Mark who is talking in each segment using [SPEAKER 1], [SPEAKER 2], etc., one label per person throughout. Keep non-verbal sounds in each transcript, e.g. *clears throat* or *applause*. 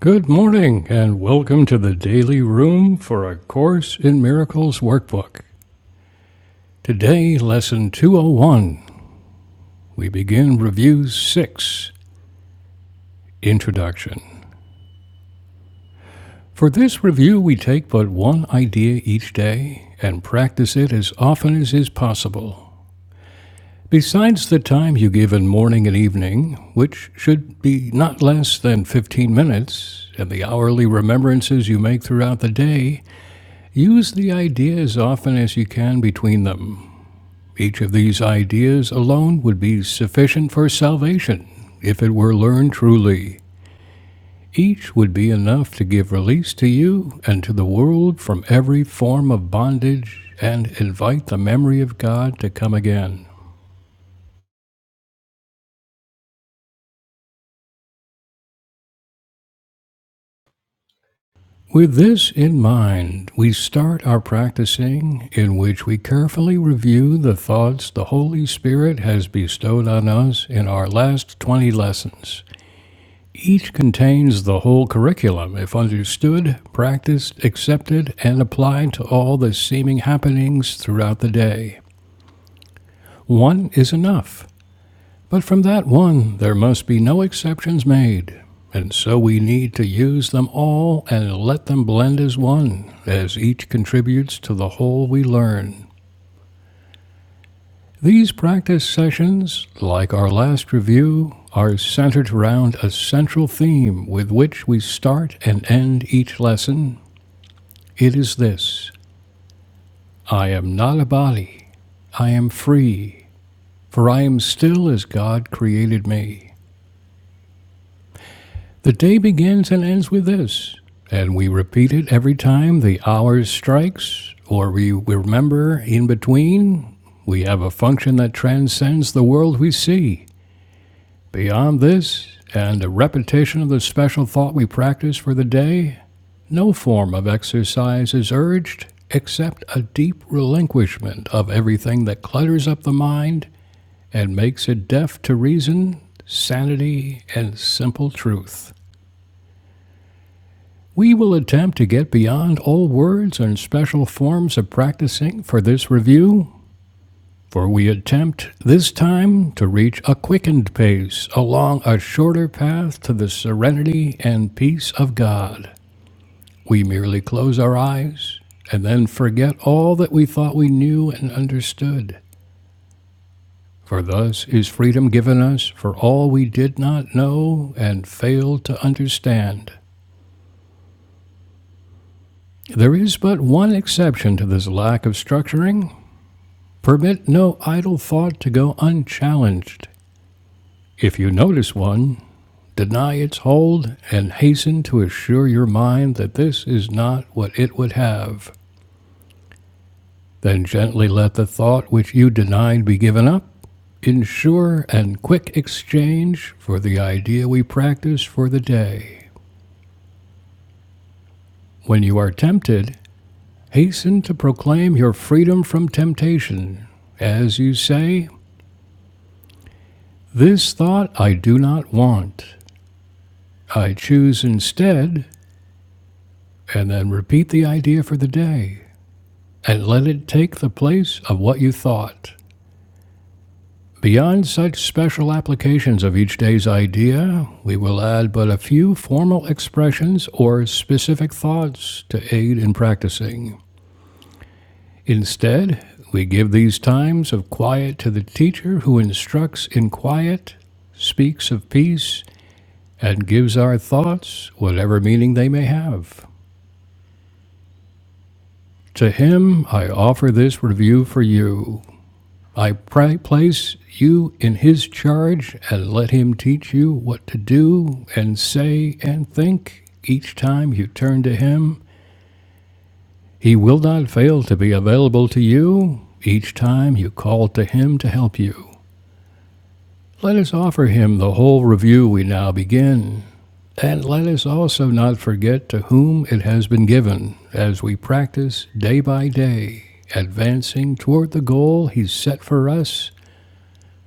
[SPEAKER 1] Good morning, and welcome to the Daily Room for A Course in Miracles workbook. Today, Lesson 201, we begin Review 6 Introduction. For this review, we take but one idea each day and practice it as often as is possible. Besides the time you give in morning and evening, which should be not less than 15 minutes, and the hourly remembrances you make throughout the day, Use the idea as often as you can between them. Each of these ideas alone would be sufficient for salvation if it were learned truly. Each would be enough to give release to you and to the world from every form of bondage and invite the memory of God to come again. With this in mind, we start our practicing in which we carefully review the thoughts the Holy Spirit has bestowed on us in our last 20 lessons. Each contains the whole curriculum if understood, practiced, accepted, and applied to all the seeming happenings throughout the day. One is enough, but from that one there must be no exceptions made. And so we need to use them all and let them blend as one, as each contributes to the whole we learn. These practice sessions, like our last review, are centered around a central theme with which we start and end each lesson. It is this I am not a body, I am free, for I am still as God created me. The day begins and ends with this, and we repeat it every time the hour strikes, or we remember in between we have a function that transcends the world we see. Beyond this, and a repetition of the special thought we practice for the day, no form of exercise is urged except a deep relinquishment of everything that clutters up the mind and makes it deaf to reason, sanity, and simple truth. We will attempt to get beyond all words and special forms of practicing for this review for we attempt this time to reach a quickened pace along a shorter path to the serenity and peace of God. We merely close our eyes and then forget all that we thought we knew and understood. For thus is freedom given us for all we did not know and failed to understand. There is but one exception to this lack of structuring. Permit no idle thought to go unchallenged. If you notice one, Deny its hold and hasten to assure your mind that this is not what it would have. Then gently let the thought which you denied be given up. in sure and quick exchange for the idea we practice for the day. When you are tempted, hasten to proclaim your freedom from temptation. As you say, This thought I do not want. I choose instead, and then repeat the idea for the day. and let it take the place of what you thought. Beyond such special applications of each day's idea, we will add but a few formal expressions or specific thoughts to aid in practicing. Instead, we give these times of quiet to the teacher who instructs in quiet, speaks of peace, and gives our thoughts whatever meaning they may have. To him, I offer this review for you. I pri- place you in His charge and let Him teach you what to do and say and think each time you turn to Him. He will not fail to be available to you each time you call to Him to help you. Let us offer Him the whole review we now begin. And let us also not forget to whom it has been given as we practice day by day, advancing toward the goal He's set for us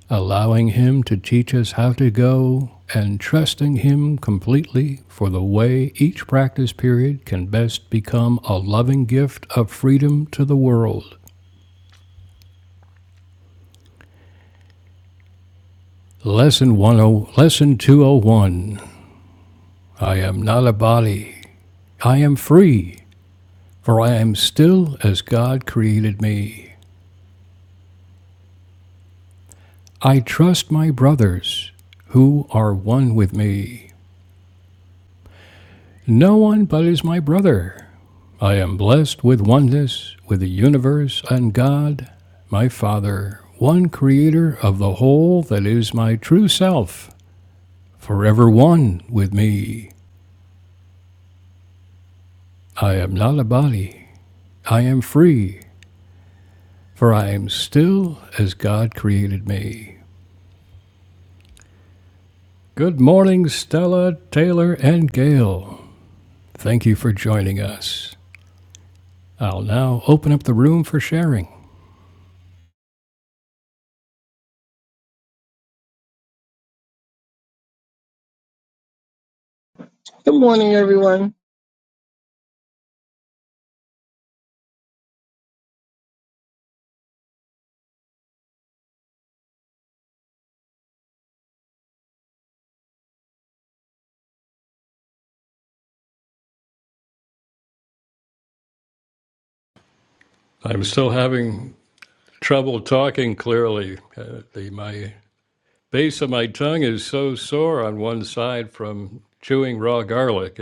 [SPEAKER 1] allowing Him to teach us how to go, and trusting Him completely for the way each practice period can best become a loving gift of freedom to the world. Lesson 10, Lesson 201 I am not a body, I am free, for I am still as God created me. I trust my brothers, who are one with me. No one but is my brother. I am blessed with oneness with the universe and God, my Father, one creator of the whole that is my true self, forever one with me. I am not a body. I am free, for I am still as God created me. Good morning, Stella, Taylor, and Gail. Thank you for joining us. I'll now open up the room for sharing.
[SPEAKER 2] Good morning, everyone.
[SPEAKER 1] I'm still having trouble talking clearly. Uh, the, my base of my tongue is so sore on one side from chewing raw garlic.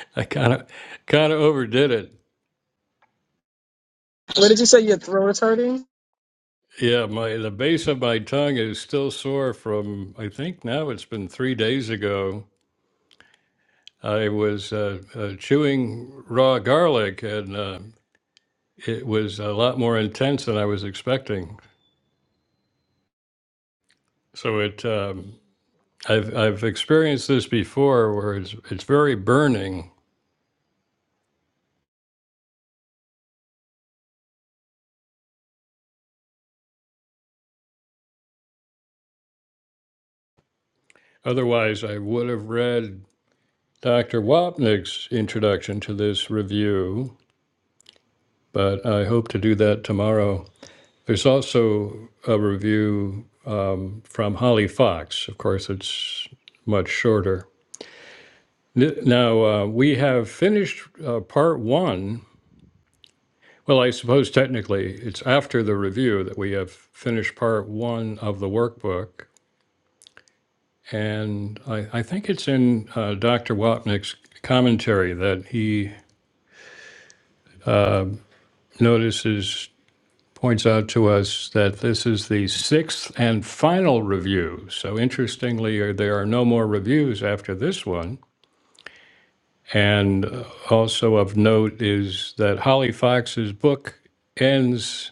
[SPEAKER 1] *laughs* I kind of kind of overdid it.
[SPEAKER 2] What did you say? Your throat is hurting?
[SPEAKER 1] Yeah, my the base of my tongue is still sore from I think now it's been three days ago. I was uh, uh, chewing raw garlic and uh, it was a lot more intense than I was expecting. So it um, I've I've experienced this before where it's it's very burning. Otherwise, I would have read Dr. Wapnick's introduction to this review, but I hope to do that tomorrow. There's also a review um, from Holly Fox. Of course, it's much shorter. Now, uh, we have finished uh, part one. Well, I suppose technically it's after the review that we have finished part one of the workbook. And I, I think it's in uh, Dr. Wapnick's commentary that he notices points out to us that this is the sixth and final review. So interestingly, uh, there are no more reviews after this one. And uh, also of note is that Holly Fox's book ends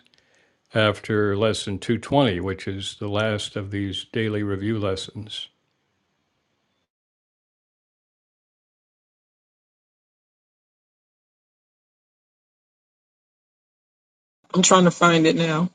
[SPEAKER 1] after lesson 220, which is the last of these daily review lessons.
[SPEAKER 2] I'm trying to find it now.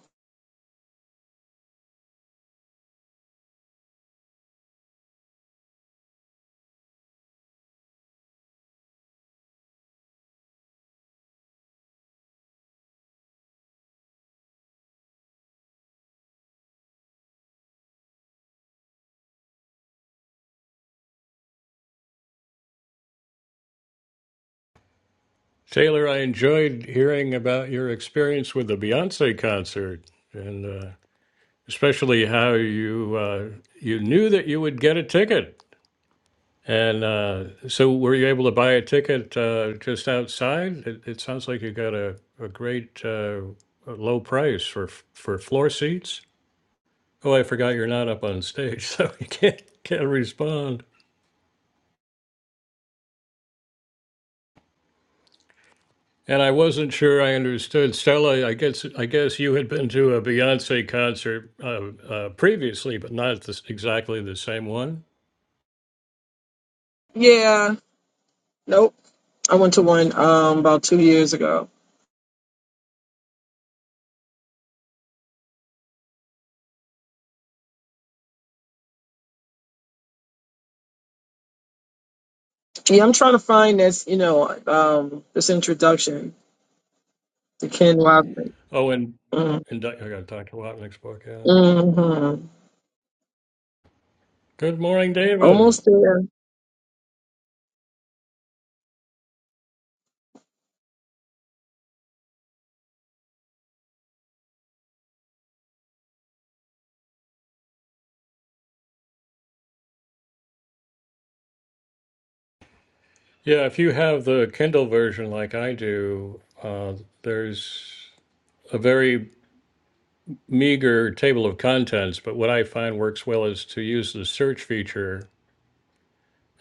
[SPEAKER 1] Taylor, I enjoyed hearing about your experience with the Beyonce concert, and uh, especially how you uh, you knew that you would get a ticket And uh, so were you able to buy a ticket uh, just outside? It, it sounds like you got a, a great uh, a low price for f- for floor seats. Oh, I forgot you're not up on stage, *laughs* so you can't can't respond. And I wasn't sure I understood. Stella, I guess I guess you had been to a Beyonce concert uh, uh, previously, but not this, exactly the same one.
[SPEAKER 2] Yeah. Nope. I went to one um about two years ago. Yeah, I'm trying to find this, you know, um, this introduction to Ken Wobbly.
[SPEAKER 1] Oh, and
[SPEAKER 2] Mm-hmm.
[SPEAKER 1] and Di- I got to talk about next book. Yeah.
[SPEAKER 2] Mm-hmm.
[SPEAKER 1] Good morning, David.
[SPEAKER 2] Almost there.
[SPEAKER 1] Yeah, if you have the Kindle version like I do, uh, there's a very meager table of contents. But what I find works well is to use the search feature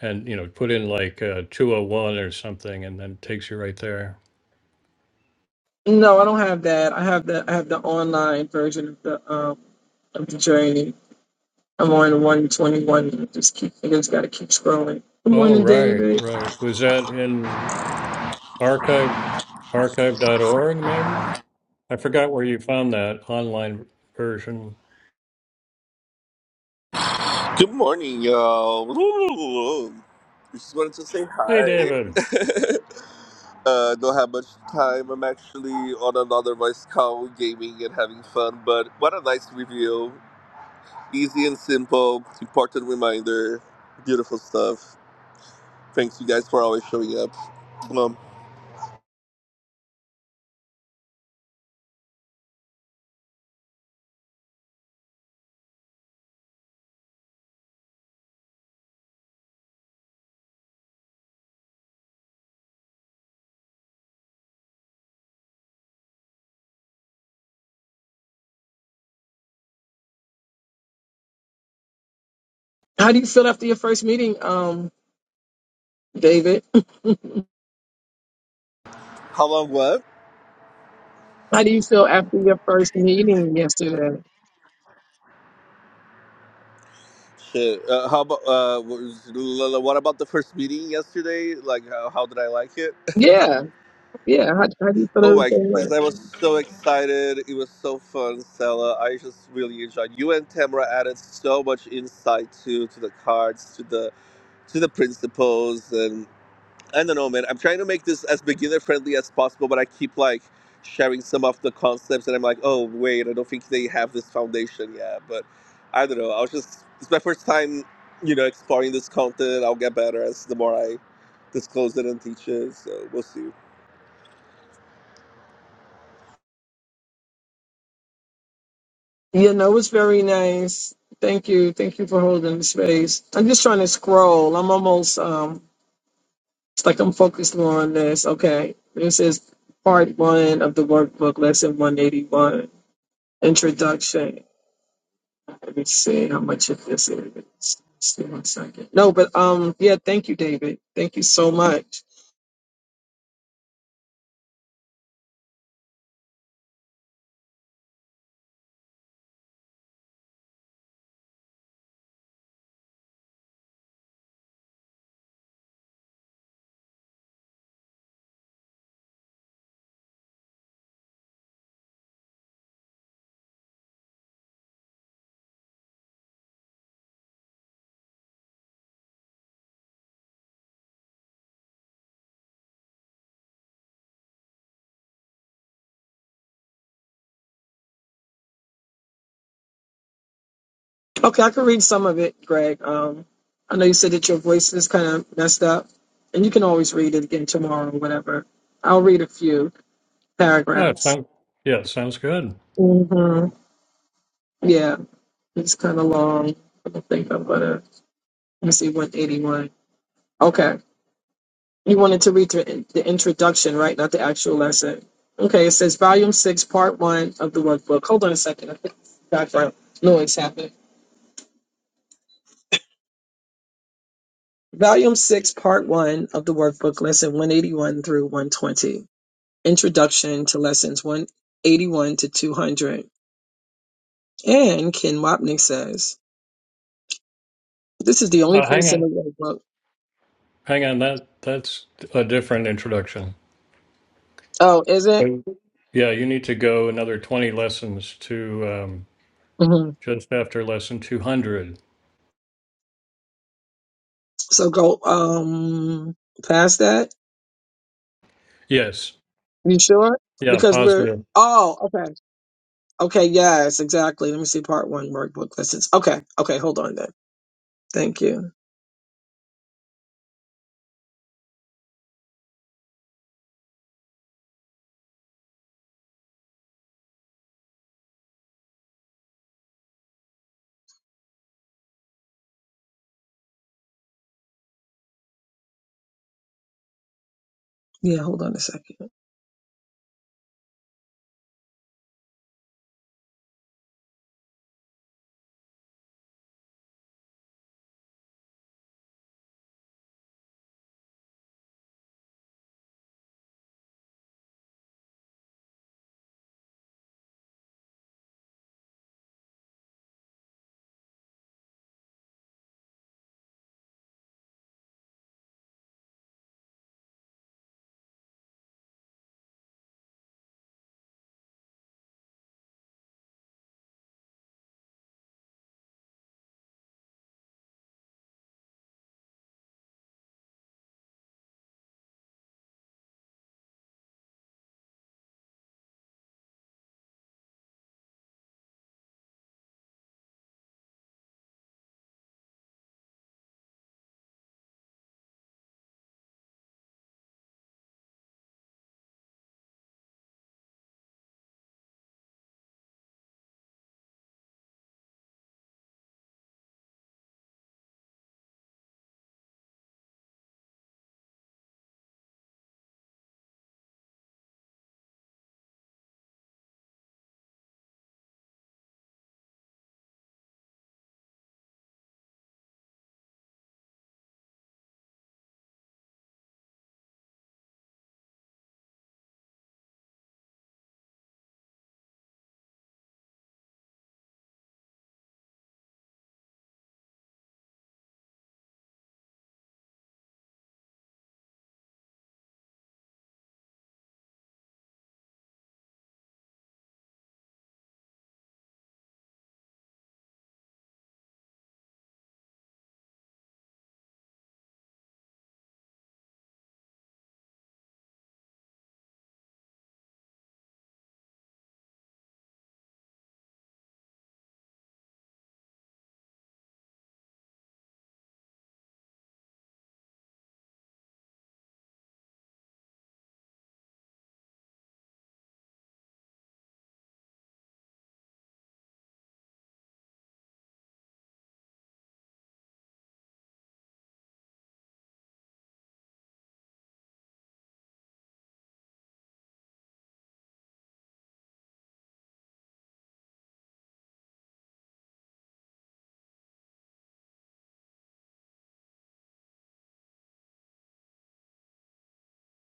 [SPEAKER 1] and you know put in like uh, 201 or something, and then it takes you right there.
[SPEAKER 2] No, I don't have that. I have the I have the online version of the um of the journey. I'm on one twenty one. Just keep I just gotta keep scrolling. Good
[SPEAKER 1] Oh,
[SPEAKER 2] morning,
[SPEAKER 1] right,
[SPEAKER 2] David.
[SPEAKER 1] right. Was that in archive archive.org maybe? I forgot where you found that online version.
[SPEAKER 3] Good morning, y'all. *laughs* Just wanted to say
[SPEAKER 1] Hey,
[SPEAKER 3] hi.
[SPEAKER 1] David.
[SPEAKER 3] *laughs* uh, don't have much time. I'm actually on another voice call, gaming and having fun. But what a nice review. Easy and simple. Important reminder. Beautiful stuff. Thanks, you guys, for always showing up. Um,
[SPEAKER 2] How do you feel after your first meeting, um, David? *laughs*
[SPEAKER 3] how long? What?
[SPEAKER 2] How do you feel after your first meeting yesterday?
[SPEAKER 3] Shit. Uh, how about uh, what about the first meeting yesterday? Like, how, how did I like it?
[SPEAKER 2] Yeah, yeah. How, how do you
[SPEAKER 3] *laughs*
[SPEAKER 2] feel
[SPEAKER 3] oh my
[SPEAKER 2] everything went?
[SPEAKER 3] goodness, I was so excited. It was so fun, Stella. I just really enjoyed. You and Tamara added so much insight to to the cards, to the to the principles, and. I don't know, man. I'm trying to make this as beginner friendly as possible, but I keep like sharing some of the concepts, and I'm like, oh wait, I don't think they have this foundation yet. But I don't know. I was just it's my first time, you know, exploring this content. I'll get better as the more I disclose it and teach it. So we'll see.
[SPEAKER 2] Yeah, no, it was very nice. Thank you. Thank you for holding the space. I'm just trying to scroll. I'm almost, um, it's like I'm focused on this. Okay. This is part one of the workbook, lesson 181, introduction. Let me see how much of this is. Just one second. No, but um, yeah, thank you, David. Thank you so much. Okay, I can read some of it, Greg. Um, I know you said that your voice is kind of messed up, and you can always read it again tomorrow or whatever. I'll read a few
[SPEAKER 1] Oh, it
[SPEAKER 2] paragraphs.
[SPEAKER 1] sound, yeah, it sounds good.
[SPEAKER 2] hmm Yeah, it's kind of long. I don't think I'm gonna. Let me see, 181. Okay, you wanted to read the, the introduction, right? Not the actual lesson. Okay, it says Volume Six, Part One of the Workbook. Hold on a second. I think background noise happened. Volume Six, Part One of the Workbook, Lesson 181 through 120. Introduction to Lessons 181 to 200. And Ken Wapnick says, this is the only
[SPEAKER 1] Uh, hang
[SPEAKER 2] place in
[SPEAKER 1] on.
[SPEAKER 2] the workbook.
[SPEAKER 1] Hang on, that that's a different introduction.
[SPEAKER 2] Oh, is it?
[SPEAKER 1] Yeah, you need to go another 20 lessons to um,
[SPEAKER 2] hmm
[SPEAKER 1] just after lesson 200.
[SPEAKER 2] So go um past that.
[SPEAKER 1] Yes.
[SPEAKER 2] You sure?
[SPEAKER 1] Yeah,
[SPEAKER 2] Because we're,
[SPEAKER 1] positive.
[SPEAKER 2] oh, okay. Okay, yes, exactly. Let me see part one workbook lessons. Okay, okay, hold on then. Thank you. Yeah, hold on a second.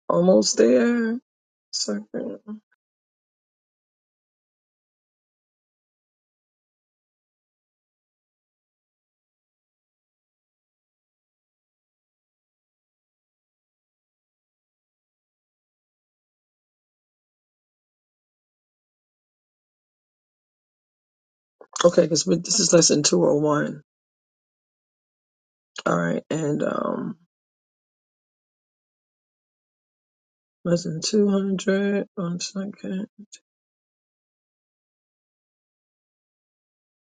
[SPEAKER 2] Almost there. Second. Okay, because this is lesson 201. All right, and um Lesson 200. One second.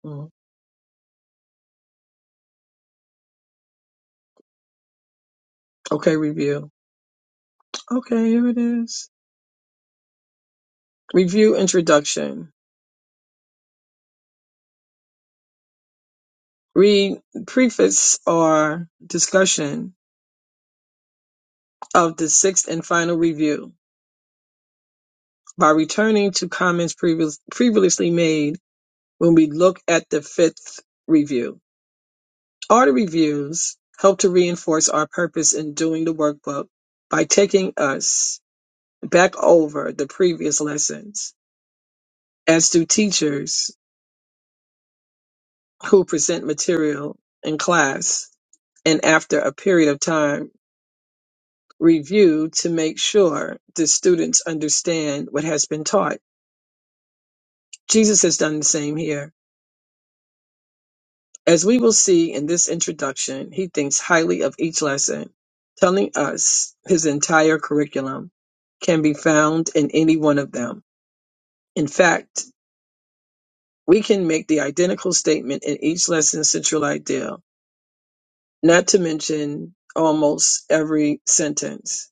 [SPEAKER 2] Mm. Okay, review. Okay, here it is. Review introduction. Read preface or discussion of the sixth and final review by returning to comments previous, previously made when we look at the fifth review. All the reviews help to reinforce our purpose in doing the workbook by taking us back over the previous lessons. As do teachers who present material in class and after a period of time review to make sure the students understand what has been taught. Jesus has done the same here. As we will see in this introduction, he thinks highly of each lesson, telling us his entire curriculum can be found in any one of them. In fact, we can make the identical statement in each lesson's central idea, not to mention almost every sentence.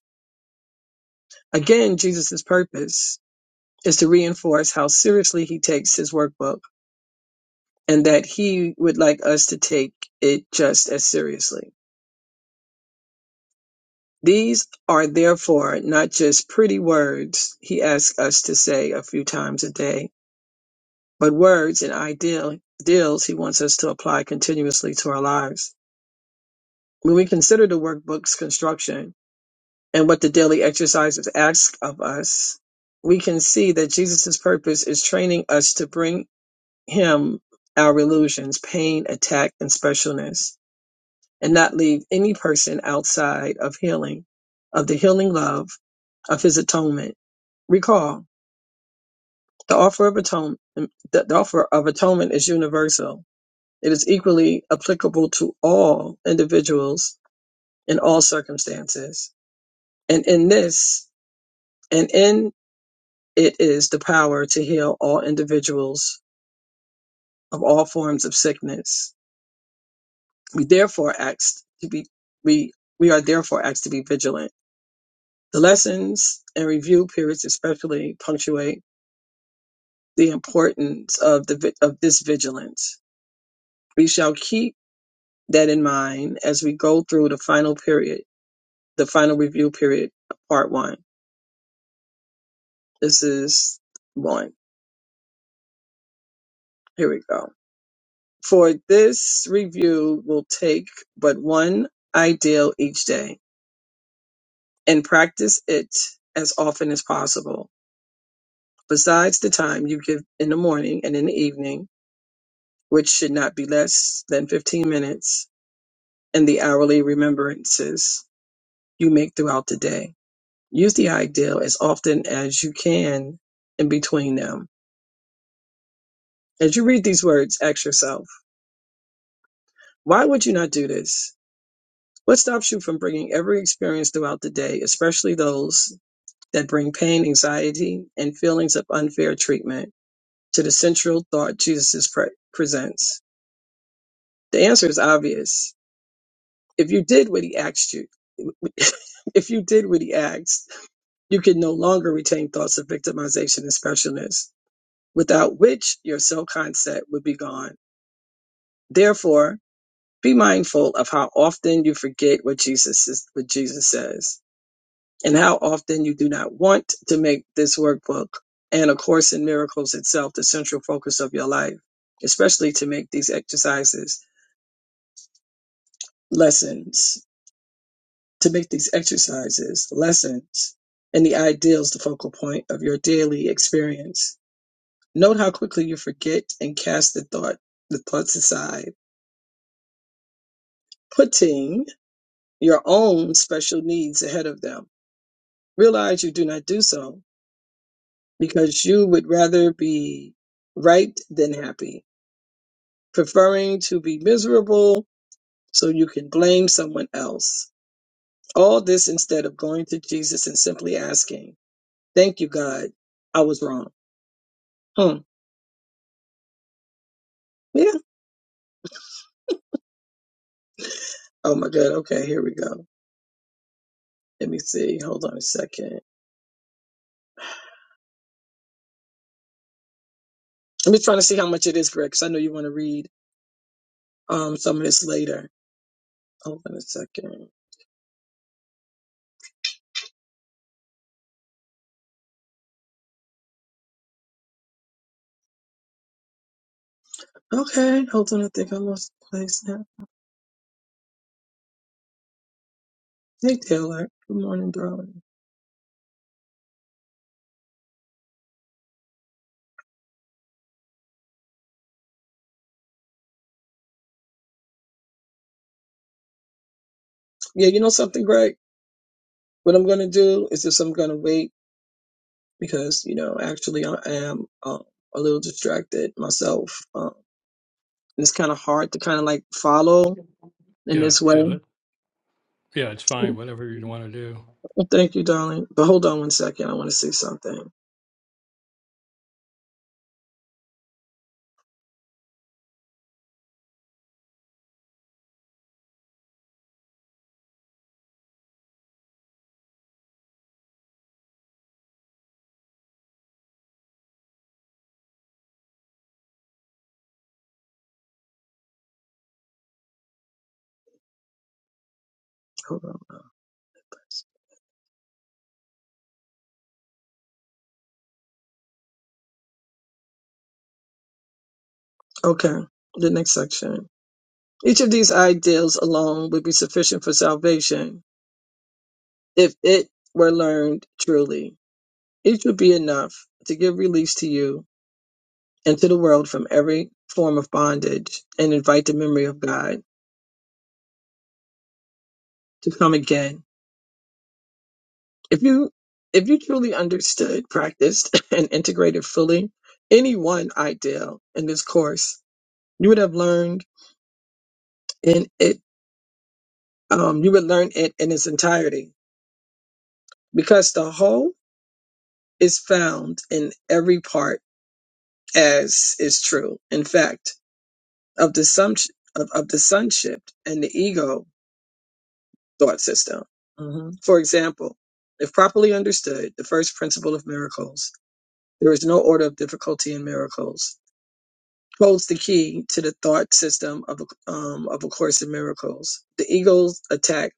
[SPEAKER 2] Again, Jesus' purpose is to reinforce how seriously he takes his workbook and that he would like us to take it just as seriously. These are therefore not just pretty words he asks us to say a few times a day, but words and ideal, ideals he wants us to apply continuously to our lives. When we consider the workbook's construction and what the daily exercises ask of us, we can see that Jesus' purpose is training us to bring him our illusions, pain, attack, and specialness, and not leave any person outside of healing, of the healing love of his atonement. Recall the offer of atonement. The the offer of atonement is universal. It is equally applicable to all individuals in all circumstances. And in this, and in it is the power to heal all individuals of all forms of sickness We therefore asked to be we we are therefore asked to be vigilant. The lessons and review periods especially punctuate the importance of the vi- of this vigilance. We shall keep that in mind as we go through the final period, the final review period, part one. This is one. Here we go. For this review will take but one ideal each day and practice it as often as possible besides the time you give in the morning and in the evening, which should not be less than 15 minutes, and the hourly remembrances you make throughout the day. Use the ideal as often as you can in between them. As you read these words, ask yourself, why would you not do this? What stops you from bringing every experience throughout the day, especially those that bring pain, anxiety, and feelings of unfair treatment, to the central thought Jesus pre- presents? The answer is obvious If you did what he asked you, *laughs* if you did what he asked, you can no longer retain thoughts of victimization and specialness, without which your self concept would be gone. Therefore, be mindful of how often you forget what Jesus is, what Jesus says, and how often you do not want to make this workbook and A Course in Miracles itself the central focus of your life, especially to make these exercises lessons to make these exercises, lessons, and the ideals the focal point of your daily experience. Note how quickly you forget and cast the thought the thoughts aside, putting your own special needs ahead of them. Realize you do not do so because you would rather be right than happy, preferring to be miserable so you can blame someone else. All this instead of going to Jesus and simply asking, Thank you, God, I was wrong. Hmm. Yeah. Oh my God. Okay, here we go. Let me see. Hold on a second. I'm just trying to see how much it is, Greg, because I know you want to read um some of this later. Hold on a second. Okay, hold on. I think I lost the place now. Hey, Taylor. Good morning, darling. Yeah, you know something, Greg? What I'm going to do is just I'm going to wait because, you know, actually I am um, a little distracted myself. Um, and it's kind of hard to kind of like follow in
[SPEAKER 1] Yeah,
[SPEAKER 2] this way.
[SPEAKER 1] yeah, that, yeah, it's fine. Whatever you want to do.
[SPEAKER 2] Thank you, darling. But hold on one second. I want to see something. Hold on. Okay, the next section. Each of these ideals alone would be sufficient for salvation if it were learned truly. Each would be enough to give release to you and to the world from every form of bondage and invite the memory of God to come again. If you if you truly understood, practiced, *laughs* and integrated fully any one ideal in this course, you would have learned in it um, you would learn it in its entirety because the whole is found in every part as is true, in fact, of the sum of, of the sonship and the ego thought system. Mhm. For example, if properly understood, the first principle of miracles, there is no order of difficulty in miracles, holds the key to the thought system of a, um, of a Course in Miracles, the ego's attack,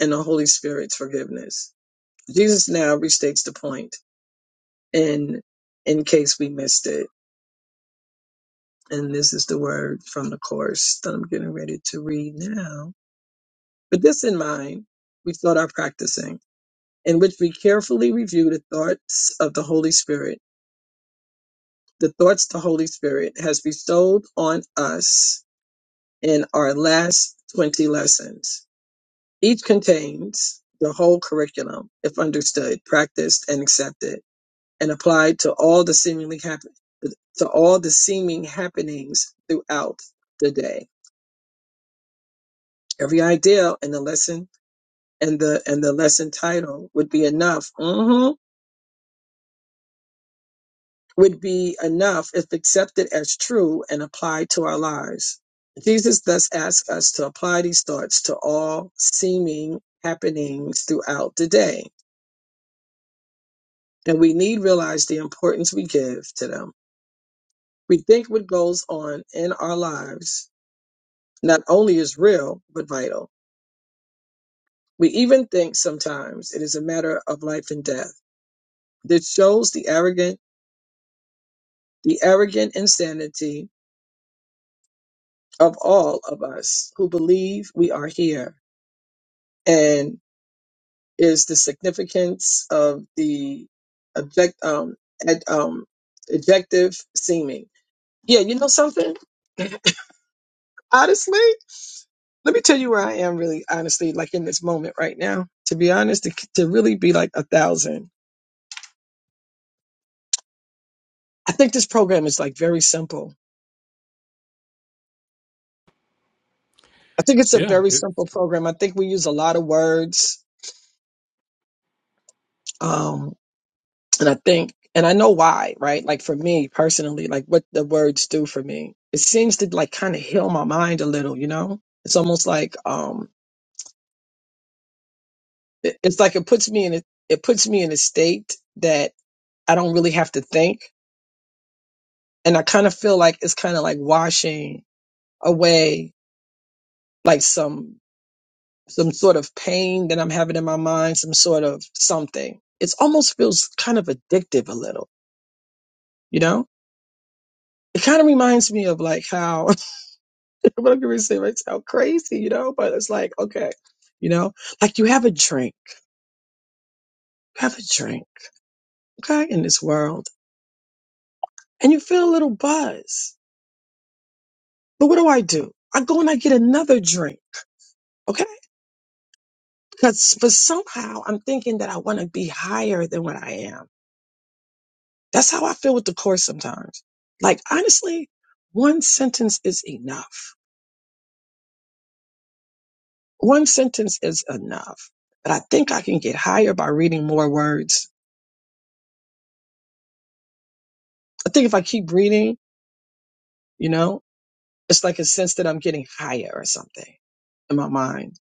[SPEAKER 2] and the Holy Spirit's forgiveness. Jesus now restates the point in in case we missed it And this is the word from the course that I'm getting ready to read now. With this in mind, we start our practicing, in which we carefully review the thoughts of the Holy Spirit, the thoughts the Holy Spirit has bestowed on us in our last 20 lessons. Each contains the whole curriculum, if understood, practiced, and accepted, and applied to all the seemingly happen- to all the seeming happenings throughout the day. Every idea and the lesson and the and the lesson title would be enough. hmm Would be enough if accepted as true and applied to our lives. Jesus thus asks us to apply these thoughts to all seeming happenings throughout the day, and we need realize the importance we give to them. We think what goes on in our lives not only is real but vital. We even think sometimes it is a matter of life and death. This shows the arrogant the arrogant insanity of all of us who believe we are here and is the significance of the object um, ad, um objective seeming yeah you know something *clears throat* honestly let me tell you where i am really honestly like in this moment right now to be honest to, to really be like a thousand i think this program is like very simple i think it's a
[SPEAKER 1] Yeah,
[SPEAKER 2] very
[SPEAKER 1] it-
[SPEAKER 2] simple program i think we use a lot of words Um, And I think, and I know why, right? Like for me personally, like what the words do for me, it seems to like kind of heal my mind a little, you know? It's almost like, um, it- it's like it puts me in a, it puts me in a state that I don't really have to think. And I kind of feel like it's kind of like washing away like some, some sort of pain that I'm having in my mind, some sort of something. It's almost feels kind of addictive a little, you know? It kind of reminds me of like how What I'm gonna say might sound crazy, you know, but it's like, okay, you know, like you have a drink, you have a drink, okay, in this world, and you feel a little buzz. But what do I do? I go and I get another drink, okay? Because for somehow I'm thinking that I want to be higher than what I am. That's how I feel with the course sometimes. Like honestly, one sentence is enough. One sentence is enough. But I think I can get higher by reading more words. I think if I keep reading, you know. It's like a sense that I'm getting higher or something in my mind.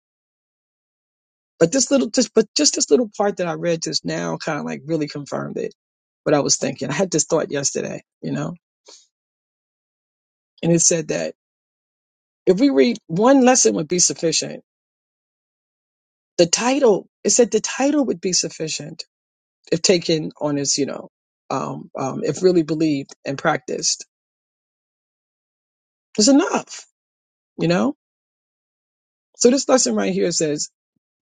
[SPEAKER 2] But this little, just, but just this little part that I read just now kind of like really confirmed it, what I was thinking. I had this thought yesterday, you know, and it said that if we read one lesson would be sufficient. The title, it said the title would be sufficient if taken on as, you know, um, um, if really believed and practiced. It's enough, you know? So this lesson right here says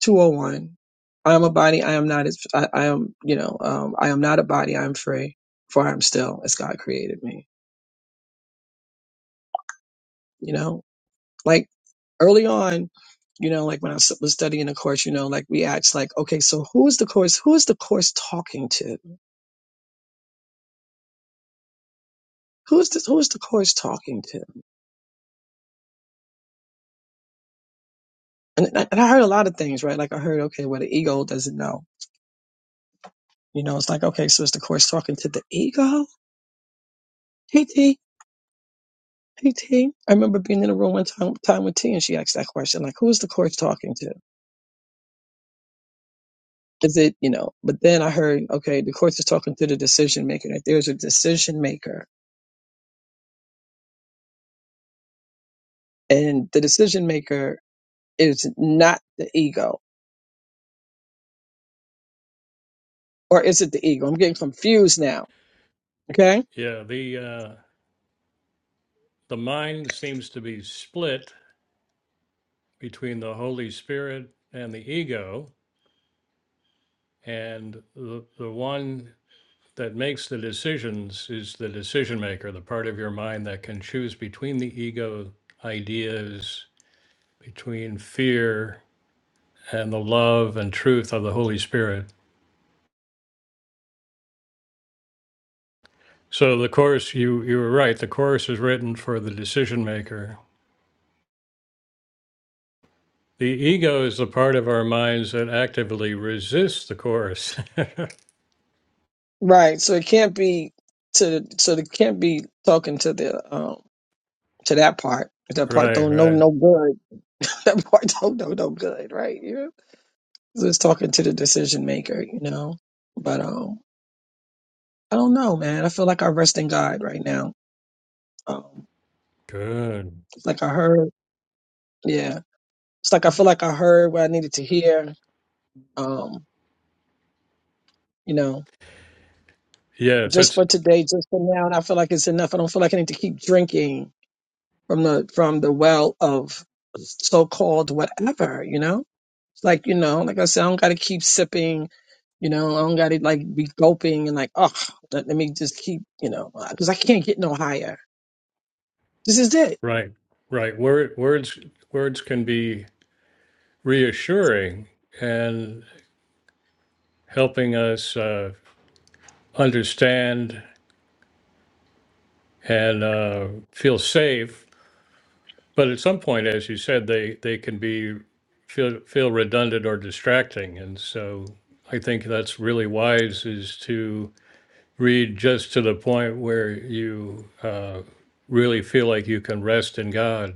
[SPEAKER 2] 201. I am a body. I am not as I, I am, you know, um, I am not a body. I am free, for I am still as God created me. You know, like early on, you know, like when I was was studying the course, you know, like we asked, like, okay, so who is the course? Who is the course talking to? Who is the who is the course talking to? And, I- and I heard a lot of things, right? Like I heard, okay, well, the ego doesn't know. You know, it's like, okay, so is the course talking to the ego? *laughs* Hey T, I remember being in a room one time, time with T, and she asked that question, like, "Who is the court's talking to?" Is it you know? But then I heard, okay, the courts is talking to the decision maker. That there's a decision maker, and the decision maker is not the ego, or is it the ego? I'm getting confused now. Okay,
[SPEAKER 1] yeah. The uh, the mind seems to be split between the Holy Spirit and the ego, and the the one. that makes the decisions is the decision maker, the part of your mind that can choose between the ego ideas, between fear and the love and truth of the Holy Spirit. So the course, you you were right. The course is written for the decision maker. The ego is the part of our minds that actively resists the course. *laughs* right,
[SPEAKER 2] right. So it can't be to so it can't be talking to the um to that part. That part don't know
[SPEAKER 1] right.
[SPEAKER 2] no good. *laughs* That part don't know no good, right? So it's talking to the decision maker, you know. But um, I don't know, man. I feel like I rest in God right now. Um,
[SPEAKER 1] Good.
[SPEAKER 2] it's like I heard, yeah. It's like I feel like I heard what I needed to hear. Um, you know,
[SPEAKER 1] Yes,
[SPEAKER 2] just
[SPEAKER 1] that's
[SPEAKER 2] for today, just for now, and I feel like it's enough. I don't feel like I need to keep drinking from the from the well of so-called whatever, you know. It's Like you know, like I said, I don't got to keep sipping you know, I don't got to like be gulping and like, oh, let, let me just keep, you know, because I can't get no higher. This is it.
[SPEAKER 1] right. Right. Word, words words can be reassuring, and. helping us uh, understand and uh, feel safe. But at some point, as you said, they, they can be feel feel redundant or distracting, and so I think that's really wise is to read just to the point where you uh, really feel like you can rest in God.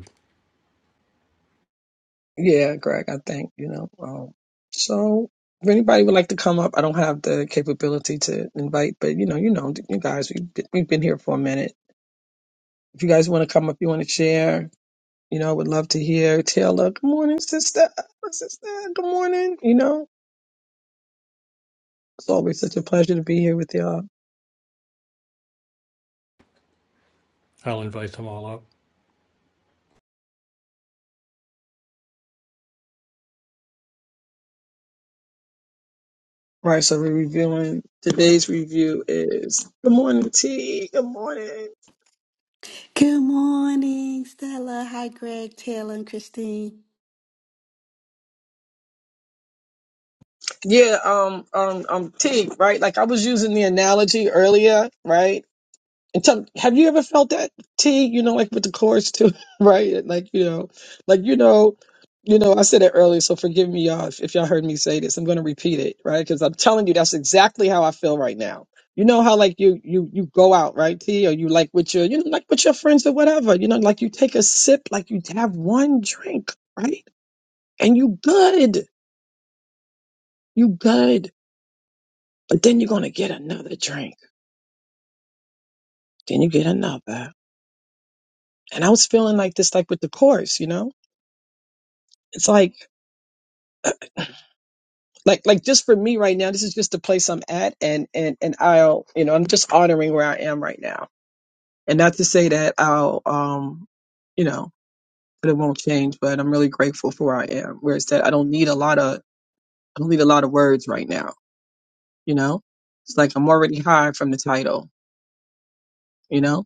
[SPEAKER 2] Yeah, Greg, I think, you know. Um, so if anybody would like to come up, I don't have the capability to invite, but you know, you know, you guys, we've been, we've been here for a minute. If you guys want to come up, you want to share, you know, would love to hear. Taylor, good morning, sister. My Sister, good morning. You know, it's always such a pleasure to be here with y'all.
[SPEAKER 1] I'll invite them all up.
[SPEAKER 2] All right, so we're reviewing today's review is good morning, T. Good morning.
[SPEAKER 4] Good morning, Stella. Hi, Greg, Taylor, and Christine.
[SPEAKER 2] Yeah, um, um, um, T, right? Like I was using the analogy earlier, right? And tell, have you ever felt that T? You know, like with the chords too, *laughs* right? Like you know, like you know, you know. I said it earlier, so forgive me, y'all, if, if y'all heard me say this. I'm going to repeat it, right? Because I'm telling you, that's exactly how I feel right now. You know how like you you you go out, right, T? Or you like with your you know like with your friends or whatever. You know, like you take a sip, like you have one drink, right? And you good, you good. But then you're gonna get another drink. Then you get another. And I was feeling like this, like with the chorus, you know. It's like like like just for me right now this is just the place i'm at and and and i'll you know i'm just honoring where i am right now and not to say that i'll um you know that it won't change but i'm really grateful for where i am where it's that i don't need a lot of i don't need a lot of words right now you know it's like i'm already high from the title you know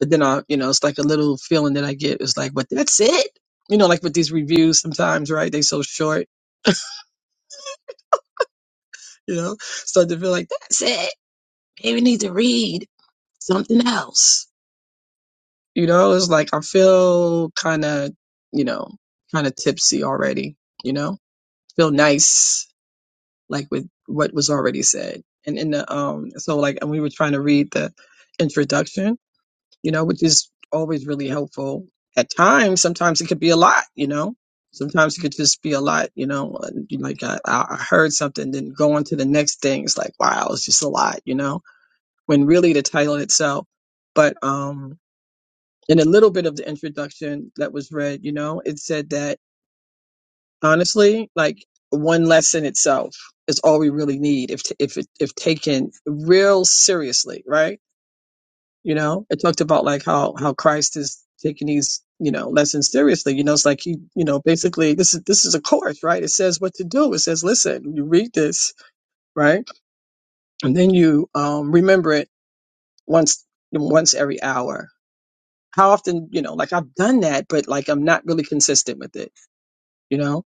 [SPEAKER 2] but then i you know it's like a little feeling that i get it's like but that's it you know like with these reviews sometimes right they so short you know start to feel like that's it Maybe need to read something else. You know, it's like I feel kind of, you know, kind of tipsy already. You know, feel nice like with what was already said. And in the um, so like, and we were trying to read the introduction. You know, which is always really helpful. At times, sometimes it could be a lot. You know, sometimes it could just be a lot. You know, like I, I heard something, then go on to the next thing. It's like wow, it's just a lot. You know when really the title itself. But um, in a little bit of the introduction that was read, you know, it said that honestly, like one lesson itself is all we really need if t- if it, if taken real seriously, right? You know, it talked about like how how Christ is taking these you know lessons seriously. You know, it's like he you know basically this is this is a course, right? It says what to do. It says listen, you read this, right, and then you um remember it once once every hour how often you know like i've done that but like i'm not really consistent with it you know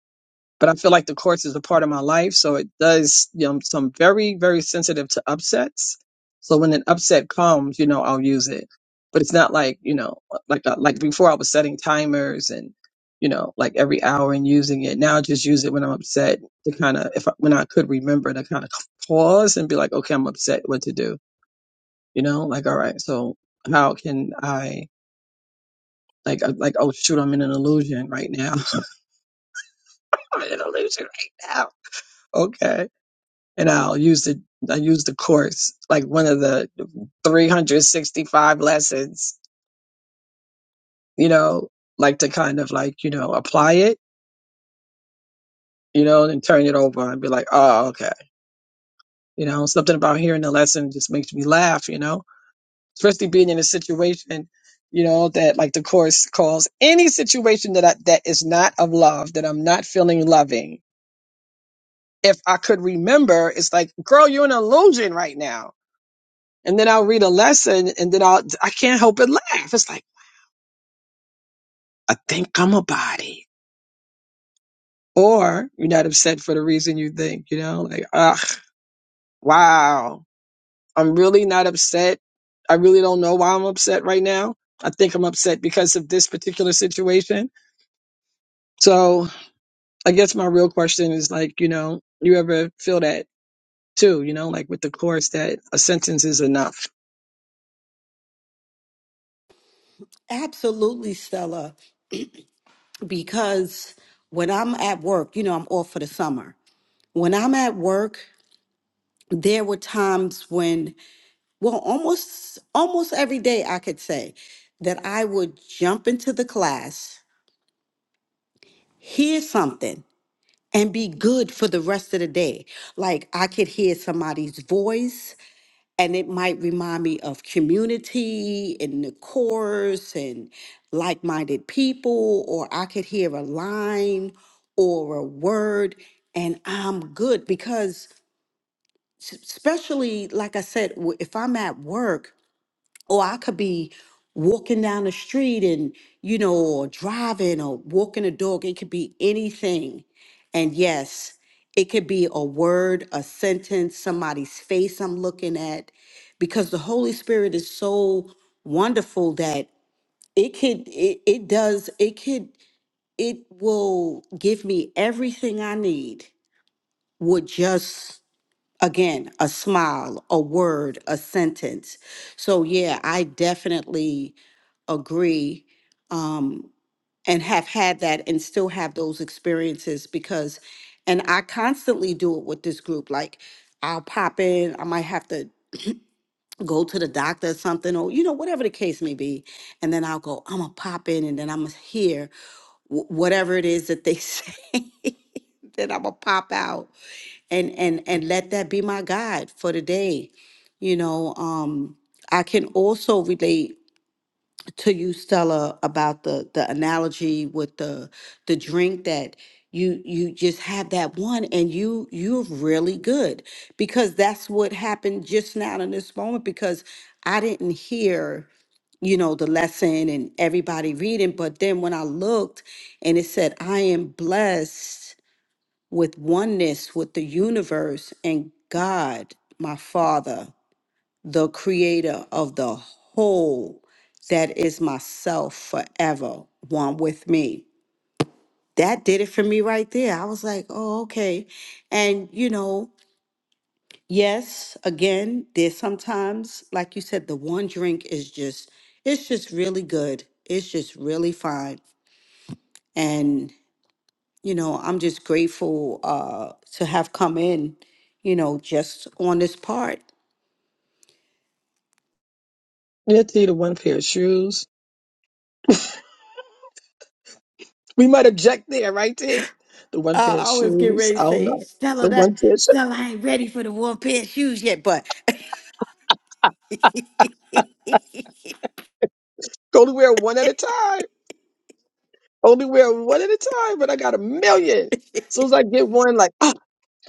[SPEAKER 2] but i feel like the course is a part of my life so it does you know I'm so i'm very very sensitive to upsets so when an upset comes you know i'll use it but it's not like you know like uh, like before i was setting timers and you know like every hour and using it now i just use it when i'm upset to kind of if I, when i could remember to kind of pause and be like okay i'm upset what to do you know like all right so how can i like, uh, like, oh shoot, I'm in an illusion right now. *laughs* I'm in an illusion right now. Okay. And I'll use the, I use the course, like one of the 365 lessons, you know, like to kind of like, you know, apply it, you know, and turn it over and be like, oh, okay. You know, something about hearing the lesson just makes me laugh, you know, especially being in a situation, you know, that like the course calls any situation that I, that is not of love, that I'm not feeling loving if I could remember, it's like, girl, you're an illusion right now. And then I'll read a lesson and then I'll, I can't help but laugh. It's like, I think I'm a body. Or you're not upset for the reason you think, you know, like, ugh, wow, I'm really not upset. I really don't know why I'm upset right now. I think I'm upset because of this particular situation. So I guess my real question is like, you know, you ever feel that too, you know, like with the course that a sentence is enough.
[SPEAKER 4] Absolutely, Stella, because when I'm at work, you know, I'm off for the summer. When I'm at work, there were times when, well, almost almost every day I could say that I would jump into the class, hear something, and be good for the rest of the day. Like I could hear somebody's voice and it might remind me of community and the chorus and like-minded people or i could hear a line or a word and i'm good because s- especially like i said w- if i'm at work or I could be walking down the street and, you know, or driving or walking a dog. It could be anything. And yes, it could be a word, a sentence, somebody's face I'm looking at, because the Holy Spirit is so wonderful that it could, it, it does, it could, it will give me everything I need with just, again, a smile, a word, a sentence. So, yeah, I definitely agree um, and have had that and still have those experiences because and i constantly do it with this group like i'll pop in i might have to go to the doctor or something or you know whatever the case may be and then i'll go i'm gonna pop in and then i'm gonna hear wh- whatever it is that they *laughs* say then i'm gonna pop out and and and let that be my guide for the day you know um i can also relate to you, Stella, about the the analogy with the the drink that you you just have that one and you you're really good because that's what happened just now in this moment because I didn't hear you know the lesson and everybody reading but then when I looked and it said I am blessed with oneness with the universe and God my father the creator of the whole that is myself forever, one with me. That did it for me right there. I was like, oh, okay. And, you know, yes, again, there's sometimes, like you said, the one drink is just, it's just really good. It's just really fine. And, you know, I'm just grateful uh, to have come in, you know, just on this part
[SPEAKER 2] You have to need a one pair of shoes We might object there, right, T? The one
[SPEAKER 4] Uh,
[SPEAKER 2] pair of
[SPEAKER 4] I was getting
[SPEAKER 2] shoes.
[SPEAKER 4] ready
[SPEAKER 2] I
[SPEAKER 4] to
[SPEAKER 2] don't
[SPEAKER 4] say,
[SPEAKER 2] know.
[SPEAKER 4] Stella,
[SPEAKER 2] The
[SPEAKER 4] that
[SPEAKER 2] one pair of shoes. I
[SPEAKER 4] Stella, I ain't ready for the one pair of shoes yet, but *laughs*
[SPEAKER 2] Only wear one at a time. Only wear one at a time, but I got a million. As soon as I get one, like, oh,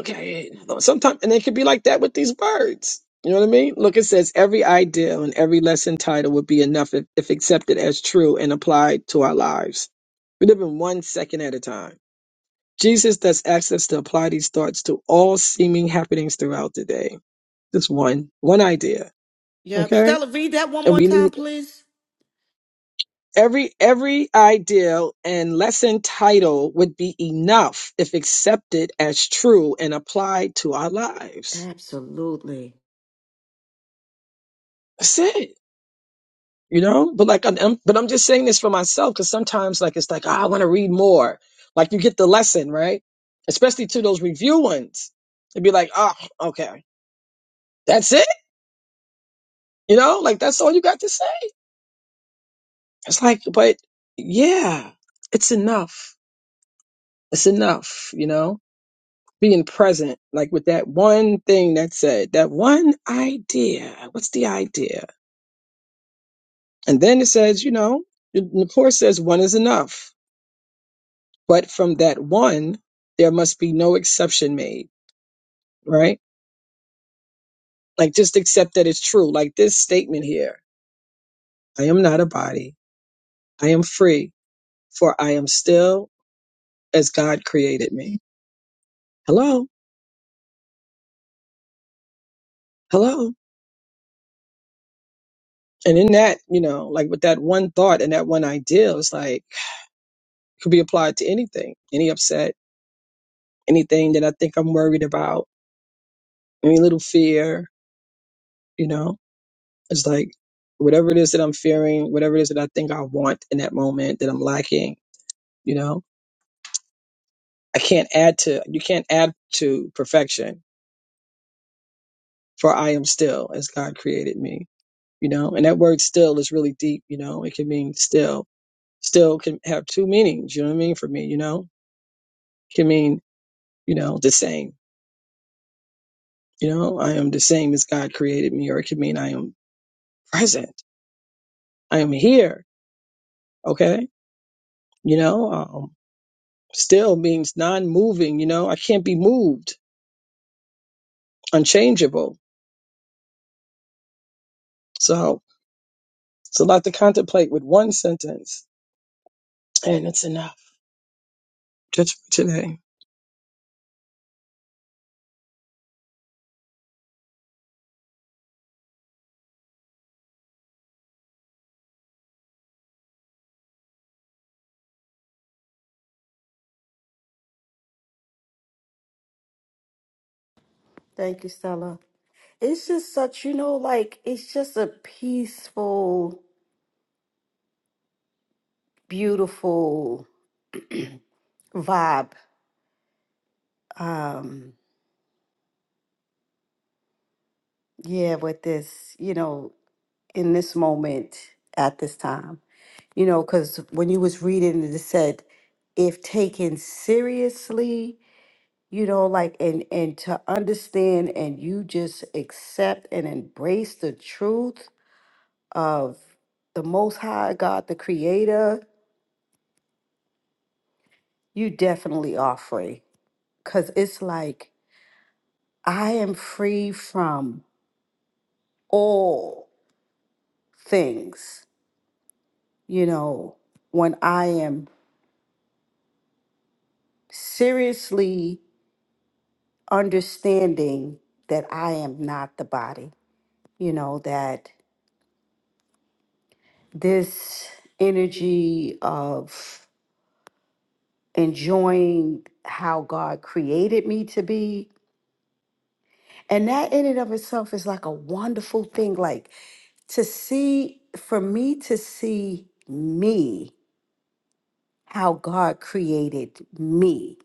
[SPEAKER 2] okay. Sometimes, and it could be like that with these words. You know what I mean? Look, it says every idea and every lesson title would be enough if, if accepted as true and applied to our lives. We live in one second at a time. Jesus does ask us to apply these thoughts to all seeming happenings throughout the day. Just one, one idea
[SPEAKER 4] yep.
[SPEAKER 2] Okay.
[SPEAKER 4] Stella, read that one
[SPEAKER 2] And
[SPEAKER 4] more
[SPEAKER 2] we
[SPEAKER 4] time,
[SPEAKER 2] need
[SPEAKER 4] please.
[SPEAKER 2] every every ideal and lesson title would be enough if accepted as true and applied to our lives.
[SPEAKER 4] Absolutely.
[SPEAKER 2] That's it. You know, but like, I'm, I'm- but I'm just saying this for myself because sometimes, like, it's like "Ah, I want to read more. Like, you get the lesson, right? Especially to those review ones, it'd be like, oh, okay, that's it. You know, like that's all you got to say. It's like, but yeah, it's enough. It's enough. You know, being present, like with that one thing that said, that one idea. What's the idea? And then it says, you know, the the course says one is enough, but from that one, there must be no exception made, right? Like just accept that it's true. Like this statement here I am not a body, I am free, for I am still as God created me. Hello, hello. And in that, you know, like with that one thought and that one ideal, it's like, could be applied to anything, any upset anything that I think I'm worried about, any little fear, you know, it's like whatever it is that I'm fearing, whatever it is that I think I want in that moment that I'm lacking, you know, I can't add to, you can't add to perfection for I am still as God created me, you know, and that word still is really deep, you know, it can mean still, still can have two meanings, you know what I mean? For me, you know, it can mean, you know, the same, you know, I am the same as God created me, or it can mean I am present. I am here. Okay you know um, still means non-moving you know i can't be moved unchangeable so it's a lot to contemplate with one sentence and it's enough just for today
[SPEAKER 4] Thank you, Stella. It's just such, you know, like it's just a peaceful, beautiful vibe. Um, yeah, with this, you know, in this moment at this time, you know, because when you was reading it, it said, if taken seriously. you know like and and to understand and you just accept and embrace the truth of the most high god the creator you definitely are free because it's like i am free from all things you know when i am seriously understanding that i am not the body you know that this energy of enjoying how God created me to be. And that in and of itself is like a wonderful thing. Like to see, for me to see me, how God created me.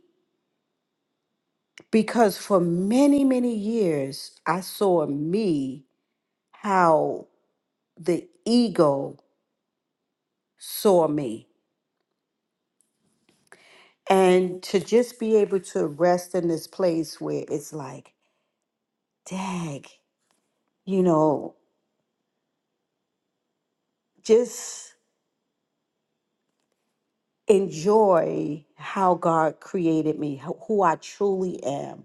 [SPEAKER 4] Because for many, many years, I saw me how the ego saw me. And to just be able to rest in this place where it's like, dag, you know, just enjoy how God created me, who who I truly am,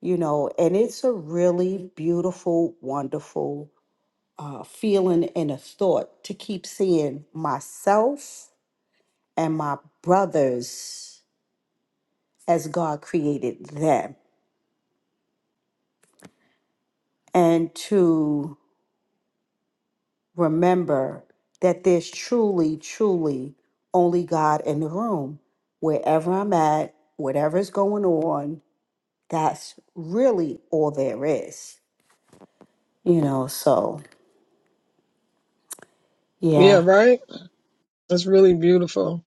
[SPEAKER 4] you know, and it's a really beautiful, wonderful uh, feeling and a thought to keep seeing myself and my brothers as God created them, and to remember that there's truly, truly only God in the room, wherever I'm at, whatever's going on that's really all there is, you know. So,
[SPEAKER 2] yeah
[SPEAKER 4] yeah,
[SPEAKER 2] right it's really beautiful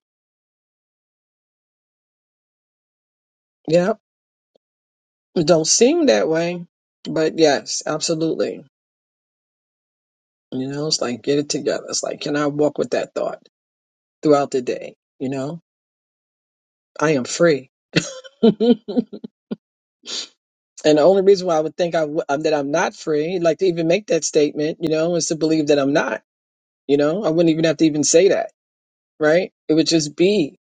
[SPEAKER 2] yeah it don't seem that way but yes absolutely you know it's like get it together it's like can i walk with that thought throughout the day you know i am free *laughs* And the only reason why I would think I w- um, that I'm not free, like to even make that statement, you know, is to believe that I'm not. You know, I wouldn't even have to even say that, right? It would just be.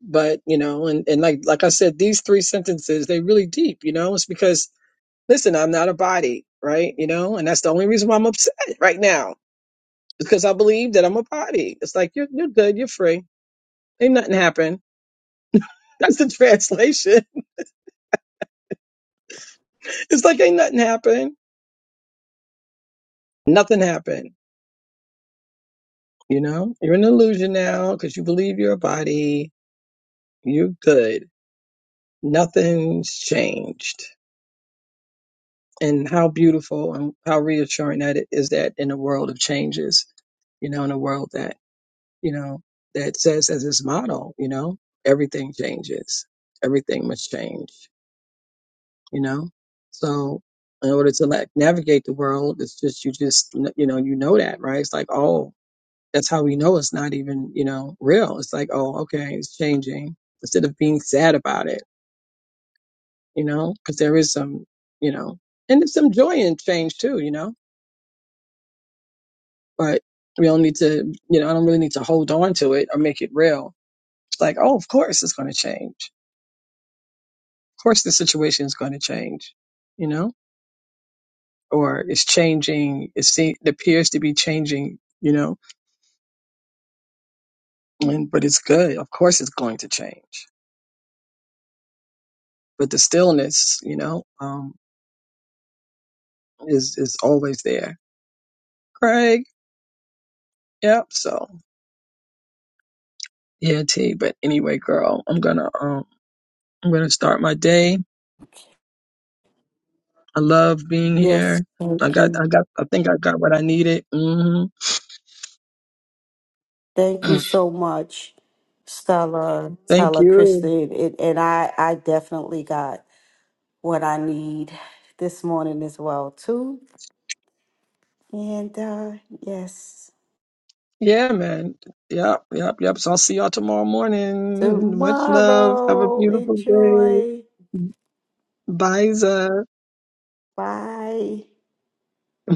[SPEAKER 2] But you know, and and like like I said, these three sentences they really deep. You know, it's because listen, I'm not a body, right? You know, and that's the only reason why I'm upset right now because I believe that I'm a body. It's like you're you're good, you're free, ain't nothing happened. *laughs* That's the translation. *laughs* It's like ain't nothing happened, nothing happened. You know, you're an illusion now because you believe you're a body. You're good. Nothing's changed And how beautiful and how reassuring that it is that in a world of changes, you know, in a world that, you know, that says as its motto, you know, everything changes, everything must change, you know? So in order to like navigate the world, it's just, you just, you know, you know that, right? It's like, oh, that's how we know it's not even, you know, real. It's like, oh, okay, it's changing instead of being sad about it, you know, because there is some, you know, and there's some joy in change too, you know? but we don't need to, you know, I don't really need to hold on to it or make it real. like, oh, of course it's going to change. Of course the situation is going to change, you know, or it's changing. It, se- it appears to be changing, you know, and, but it's good. Of course it's going to change, but the stillness, you know, um, is, is always there. Craig. Yep. So yeah, T, but anyway, girl, I'm going to, um, I'm going to start my day. I love being
[SPEAKER 4] yes,
[SPEAKER 2] here.
[SPEAKER 4] thank
[SPEAKER 2] I got, I
[SPEAKER 4] you.
[SPEAKER 2] got, I think I got what I needed. hmm
[SPEAKER 4] Thank you
[SPEAKER 2] *clears throat*
[SPEAKER 4] so much, Stella,
[SPEAKER 2] Thank
[SPEAKER 4] Stella,
[SPEAKER 2] you.
[SPEAKER 4] Kristen. And, and I, I definitely got what I need this morning as well, too. And uh, yes,
[SPEAKER 2] Yeah, man. Yep, yep, yep. So I'll see y'all tomorrow morning. Much love. Have a
[SPEAKER 4] tomorrow,
[SPEAKER 2] beautiful day.
[SPEAKER 4] enjoy.
[SPEAKER 2] Bye, Zah.
[SPEAKER 4] Bye.
[SPEAKER 2] *laughs*